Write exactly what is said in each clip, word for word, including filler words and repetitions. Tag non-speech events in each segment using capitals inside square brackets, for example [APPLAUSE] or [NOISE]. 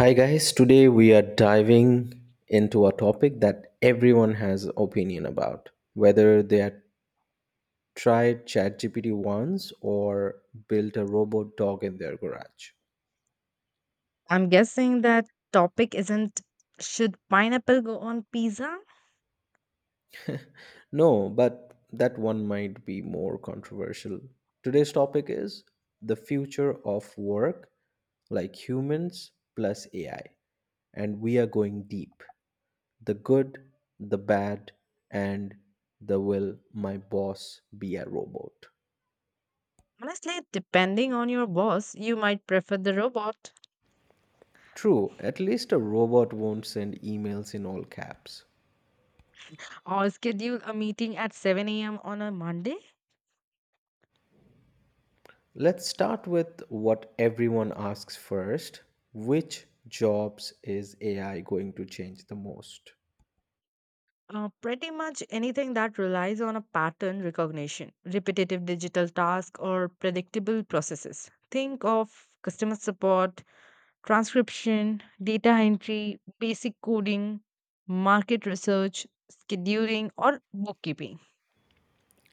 Hi guys, today we are diving into a topic that everyone has opinion about, whether they had tried ChatGPT once or built a robot dog in their garage. I'm guessing that topic isn't should pineapple go on pizza? No, but that one might be more controversial. Today's topic is the future of work like humans plus A I, and we are going deep. The good, the bad, and the will my boss be a robot? Honestly, depending on your boss, you might prefer the robot True, at least a robot won't send emails in all caps. or schedule a meeting at seven a m on a Monday. Let's start with what everyone asks first. Which jobs is A I going to change the most? Uh, pretty much anything that relies on a pattern recognition, repetitive digital tasks, or predictable processes. Think of customer support, transcription, data entry, basic coding, market research, scheduling, or bookkeeping.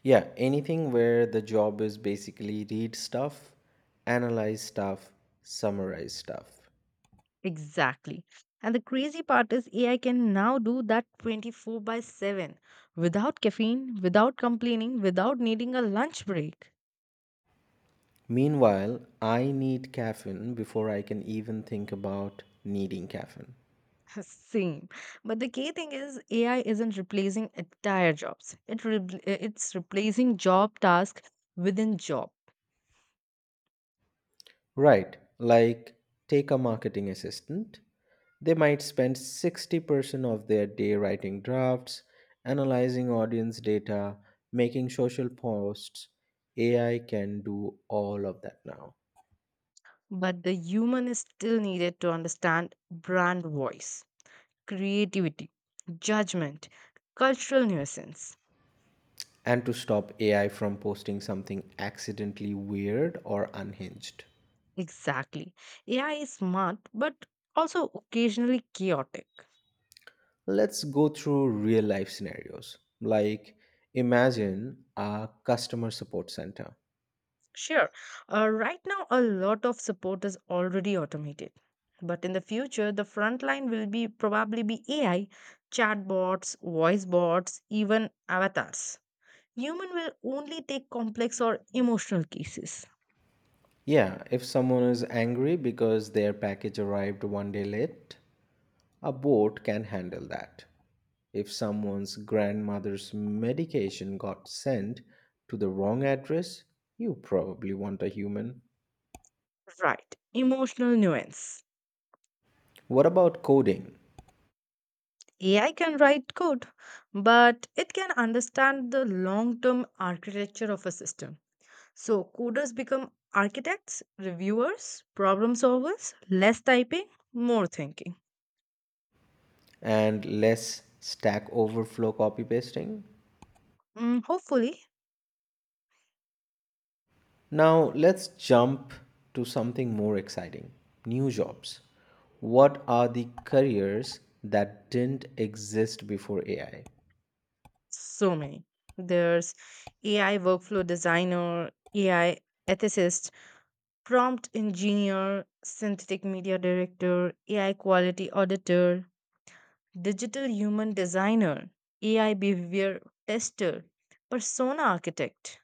Yeah, anything where the job is basically read stuff, analyze stuff, summarize stuff. Exactly. And the crazy part is A I can now do that twenty-four by seven without caffeine, without complaining, without needing a lunch break. Meanwhile, I need caffeine before I can even think about needing caffeine. [LAUGHS] Same. But the key thing is A I isn't replacing entire jobs. It re- it's replacing job task within job. Right, like take a marketing assistant. They might spend sixty percent of their day writing drafts, analyzing audience data, making social posts. A I can do all of that now. But the human is still needed to understand brand voice, creativity, judgment, cultural nuisance. And to stop A I from posting something accidentally weird or unhinged, Exactly. A I is smart, but also occasionally chaotic. let's go through real life scenarios. Like, imagine a customer support center. Sure, uh, right now a lot of support is already automated. But in the future, the front line will be probably be A I, chatbots, voice bots, even avatars. Human will only take complex or emotional cases. Yeah, if someone is angry because their package arrived one day late, a boat can handle that. If someone's grandmother's medication got sent to the wrong address, you probably want a human. Right, emotional nuance. What about coding A I can write code, but it can understand the long term architecture of a system. So, coders become architects, reviewers, problem solvers, less typing, more thinking. and less Stack Overflow copy pasting? Mm, hopefully. Now let's jump to something more exciting new jobs. What are the careers that didn't exist before A I? So many. There's A I workflow designer, A I ethicist, prompt engineer, synthetic media director, A I quality auditor, digital human designer, A I behavior tester, persona architect.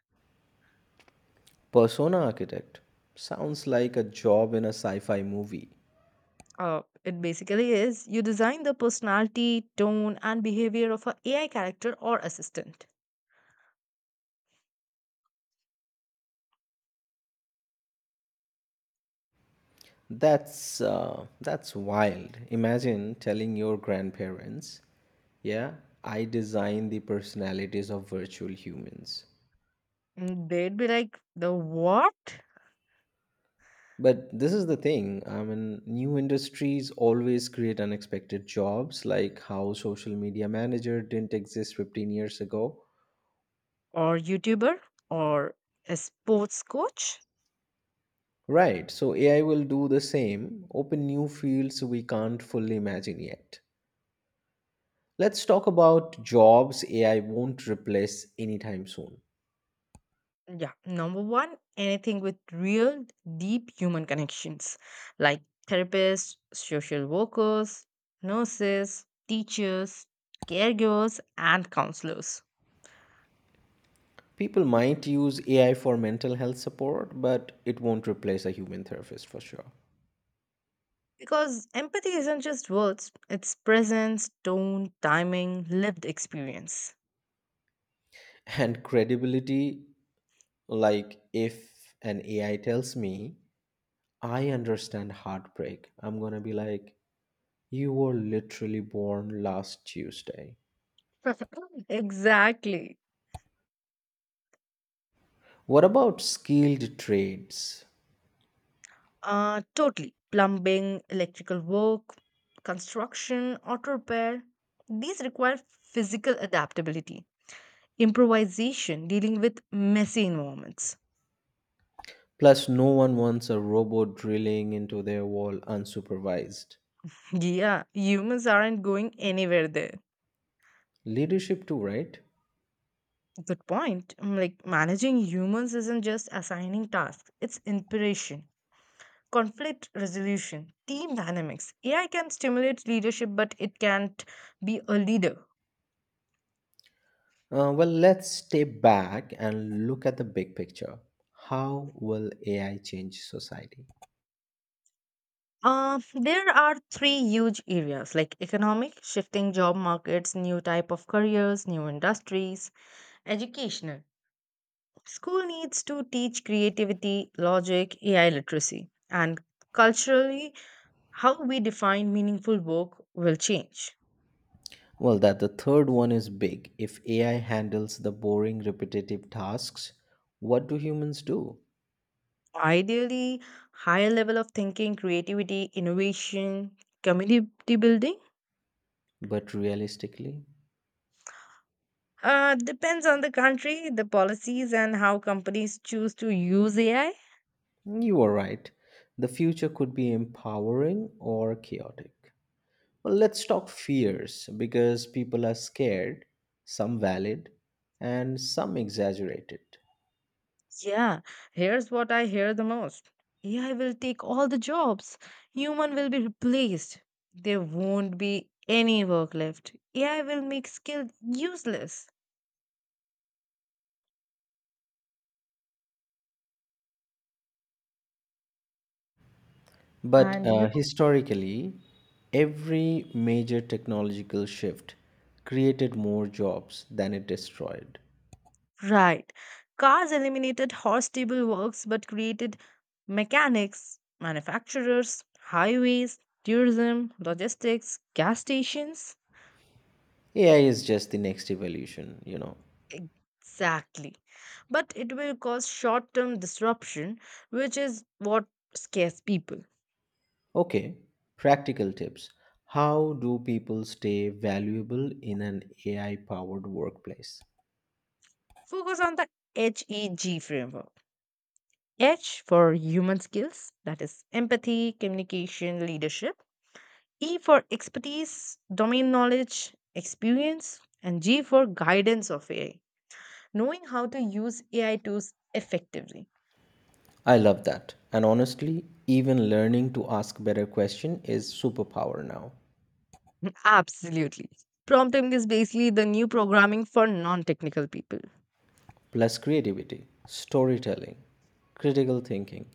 Persona architect sounds like a job in a sci-fi movie. Uh, it basically is you design the personality, tone, and behavior of a AI character or assistant. That's uh, that's wild. Imagine telling your grandparents, "Yeah, I design the personalities of virtual humans." And they'd be like the what? But this is the thing. I mean, new industries always create unexpected jobs, like how social media manager didn't exist fifteen years ago. Or YouTuber or a sports coach. Right, so A I will do the same, open new fields we can't fully imagine yet. Let's talk about jobs A I won't replace anytime soon. Yeah, number one, anything with real deep human connections like therapists, social workers, nurses, teachers, caregivers, and counselors. People might use A I for mental health support, but it won't replace a human therapist for sure. Because empathy isn't just words, it's presence, tone, timing, lived experience. And credibility, like if an A I tells me, I understand heartbreak, I'm gonna be like, you were literally born last Tuesday. [LAUGHS] Exactly. What about skilled trades? Uh, totally. Plumbing, electrical work, construction, auto repair, these require physical adaptability improvisation, dealing with messy environments. Plus, no one wants a robot drilling into their wall unsupervised. Yeah, humans aren't going anywhere there. Leadership, too, right? Good point. Mm, like managing humans isn't just assigning tasks, it's inspiration, conflict resolution, team dynamics. A I can stimulate leadership, but it can't be a leader. Uh, well, let's step back and look at the big picture. How will A I change society? Uh, there are three huge areas like economic, shifting job markets, new type of careers, new industries, educational, school needs to teach creativity, logic, A I literacy, and culturally, how we define meaningful work will change. Well, that the third one is big. If A I handles the boring, repetitive tasks, what do humans do? Ideally, higher level of thinking, creativity, innovation, community building. But realistically, Uh, depends on the country, the policies, and how companies choose to use A I. you are right. The future could be empowering or chaotic. Well, let's talk fears because people are scared, some valid, and some exaggerated. Yeah, here's what I hear the most. A I will take all the jobs. Human will be replaced. There won't be any work left. A I will make skills useless. But And uh, you historically, every major technological shift created more jobs than it destroyed. know, right. Cars eliminated horse stable works but created mechanics, manufacturers, highways, tourism, logistics, gas stations. A I is just the next evolution, you know. Exactly. But it will cause short term disruption, which is what scares people. Okay, practical tips. How do people stay valuable in an A I powered workplace? Focus on the H E G framework. H for human skills, that is empathy, communication, leadership. E for expertise, domain knowledge, experience. And G for guidance of A I, knowing how to use A I tools effectively. I love that. And honestly, even learning to ask better question is superpower now. [LAUGHS] Absolutely. Prompting is basically the new programming for non technical people. Plus creativity, storytelling, critical thinking,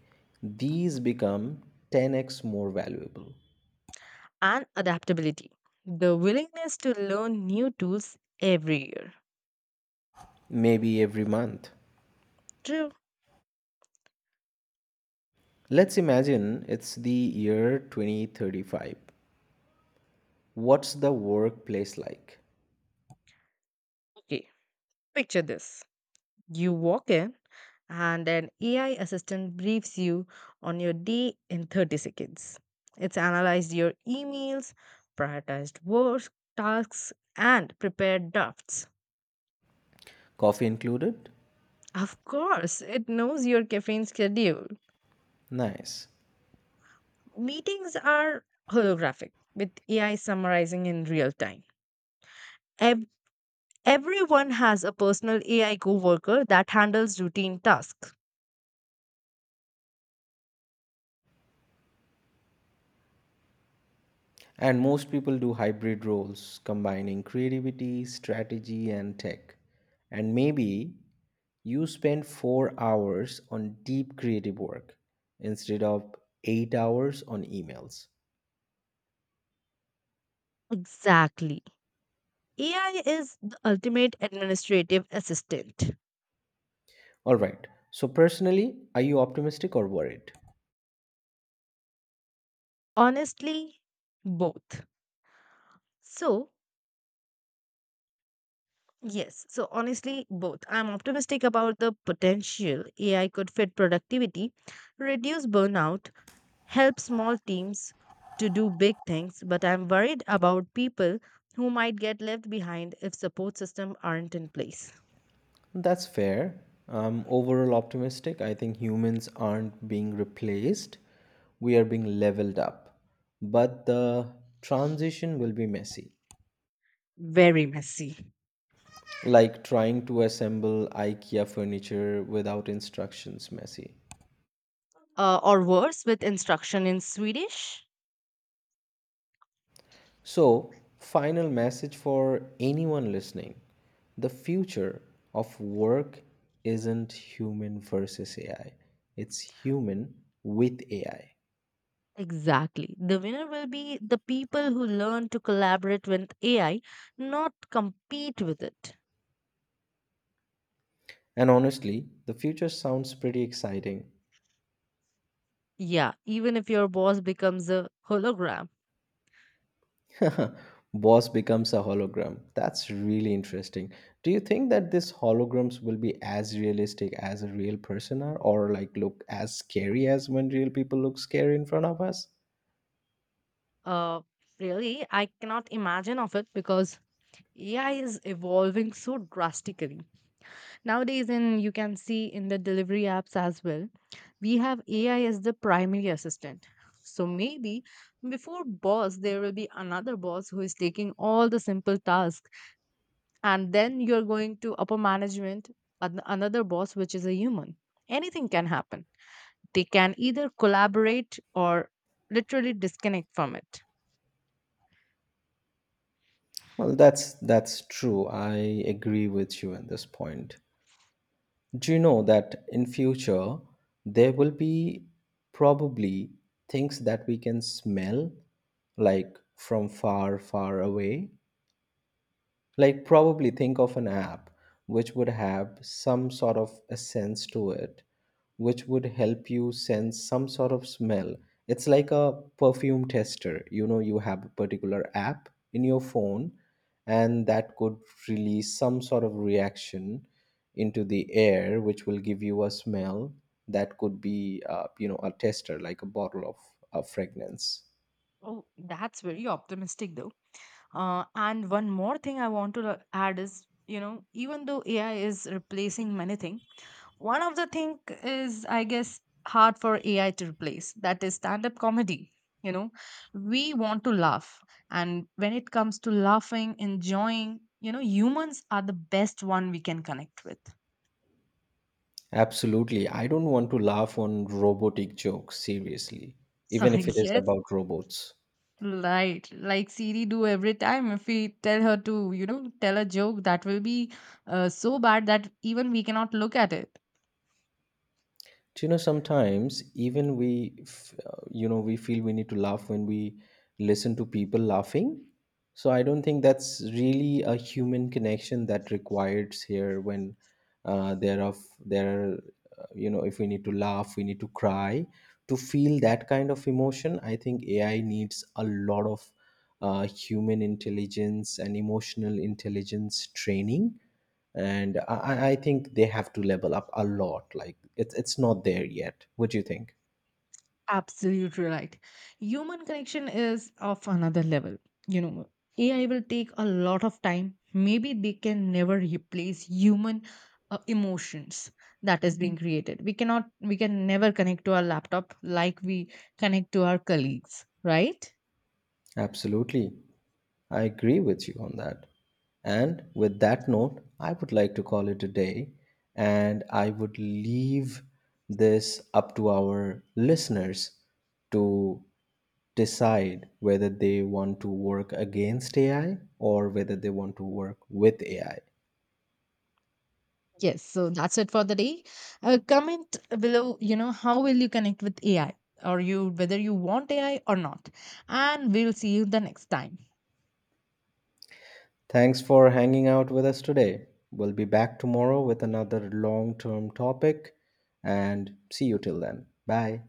these become ten x more valuable, And adaptability, the willingness to learn new tools every year. maybe every month. True. Let's imagine it's the year twenty thirty-five. What's the workplace like? Okay, picture this. You walk in, and an A I assistant briefs you on your day in thirty seconds. It's analyzed your emails, prioritized work tasks, and prepared drafts. Coffee included? Of course, it knows your caffeine schedule. Nice. Meetings are holographic, with A I summarizing in real time. Ev- Everyone has a personal A I coworker that handles routine tasks. And most people do hybrid roles, combining creativity, strategy, and tech. And maybe you spend four hours on deep creative work instead of eight hours on emails. Exactly. A I is the ultimate administrative assistant. All right. So, personally, are you optimistic or worried? Honestly, both. So, yes, so honestly, both. I'm optimistic about the potential A I could fit productivity, reduce burnout, help small teams to do big things, but I'm worried about people who might get left behind if support systems aren't in place. That's fair. I'm overall optimistic. I think humans aren't being replaced, we are being leveled up. But the transition will be messy. Very messy. Like trying to assemble IKEA furniture without instructions messy. Uh, or worse, with instruction in Swedish. So, final message for anyone listening, the future of work isn't human versus A I, it's human with A I. Exactly. The winner will be the people who learn to collaborate with A I, not compete with it. And honestly, the future sounds pretty exciting. Yeah, even if your boss becomes a hologram. [LAUGHS] Boss becomes a hologram. That's really interesting. Do you think that these holograms will be as realistic as a real person are, or like look as scary as when real people look scary in front of us? Uh, Really, I cannot imagine of it because A I is evolving so drastically. Nowadays, and you can see in the delivery apps as well, we have A I as the primary assistant. So maybe before boss, there will be another boss who is taking all the simple tasks and then you're going to upper management an- another boss which is a human. Anything can happen. They can either collaborate or literally disconnect from it. Well, that's that's true. I agree with you on this point. Do you know that in future there will be probably things that we can smell like from far, far away? Like probably think of an app which would have some sort of a sense to it, which would help you sense some sort of smell. It's like a perfume tester, you know, you have a particular app in your phone, and that could release some sort of reaction into the air which will give you a smell. That could be uh, you know a tester, like a bottle of a fragrance. Oh, that's very optimistic though. Uh, and one more thing I want to add is, you know, even though AI is replacing many things, one of the thing is, I guess, hard for A I to replace. That is stand-up comedy. You know, we want to laugh, and when it comes to laughing, enjoying, you know, humans are the best one we can connect with. [LAUGHS] Absolutely. I don't want to laugh on robotic jokes, seriously, So even if it is yes, about robots. right, like Siri do every time. If we tell her to, you know, tell a joke, that will be uh, so bad that even we cannot look at it. Do you know sometimes even we f- uh, you know we feel we need to laugh when we listen to people laughing. So I don't think that's really a human connection that requires here when uh, there of there are, uh, you know if we need to laugh, we need to cry to feel that kind of emotion. I think A I needs a lot of uh, human intelligence and emotional intelligence training and I, I I think they have to level up a lot. Like it's it's not there yet. What do you think? Absolutely right. Human connection is of another level. You know, A I will take a lot of time. Maybe they can never replace human uh, emotions that is being created. We cannot, we can never connect to our laptop like we connect to our colleagues, right? Absolutely, I agree with you on that. And with that note, I would like to call it a day, and I would leave this up to our listeners to decide whether they want to work against A I or whether they want to work with A I. Yes. So that's it for the day. Uh, comment below, you know, how will you connect with A I or you, whether you want A I or not. And we'll see you the next time. Thanks for hanging out with us today. We'll be back tomorrow with another long term topic and see you till then. Bye.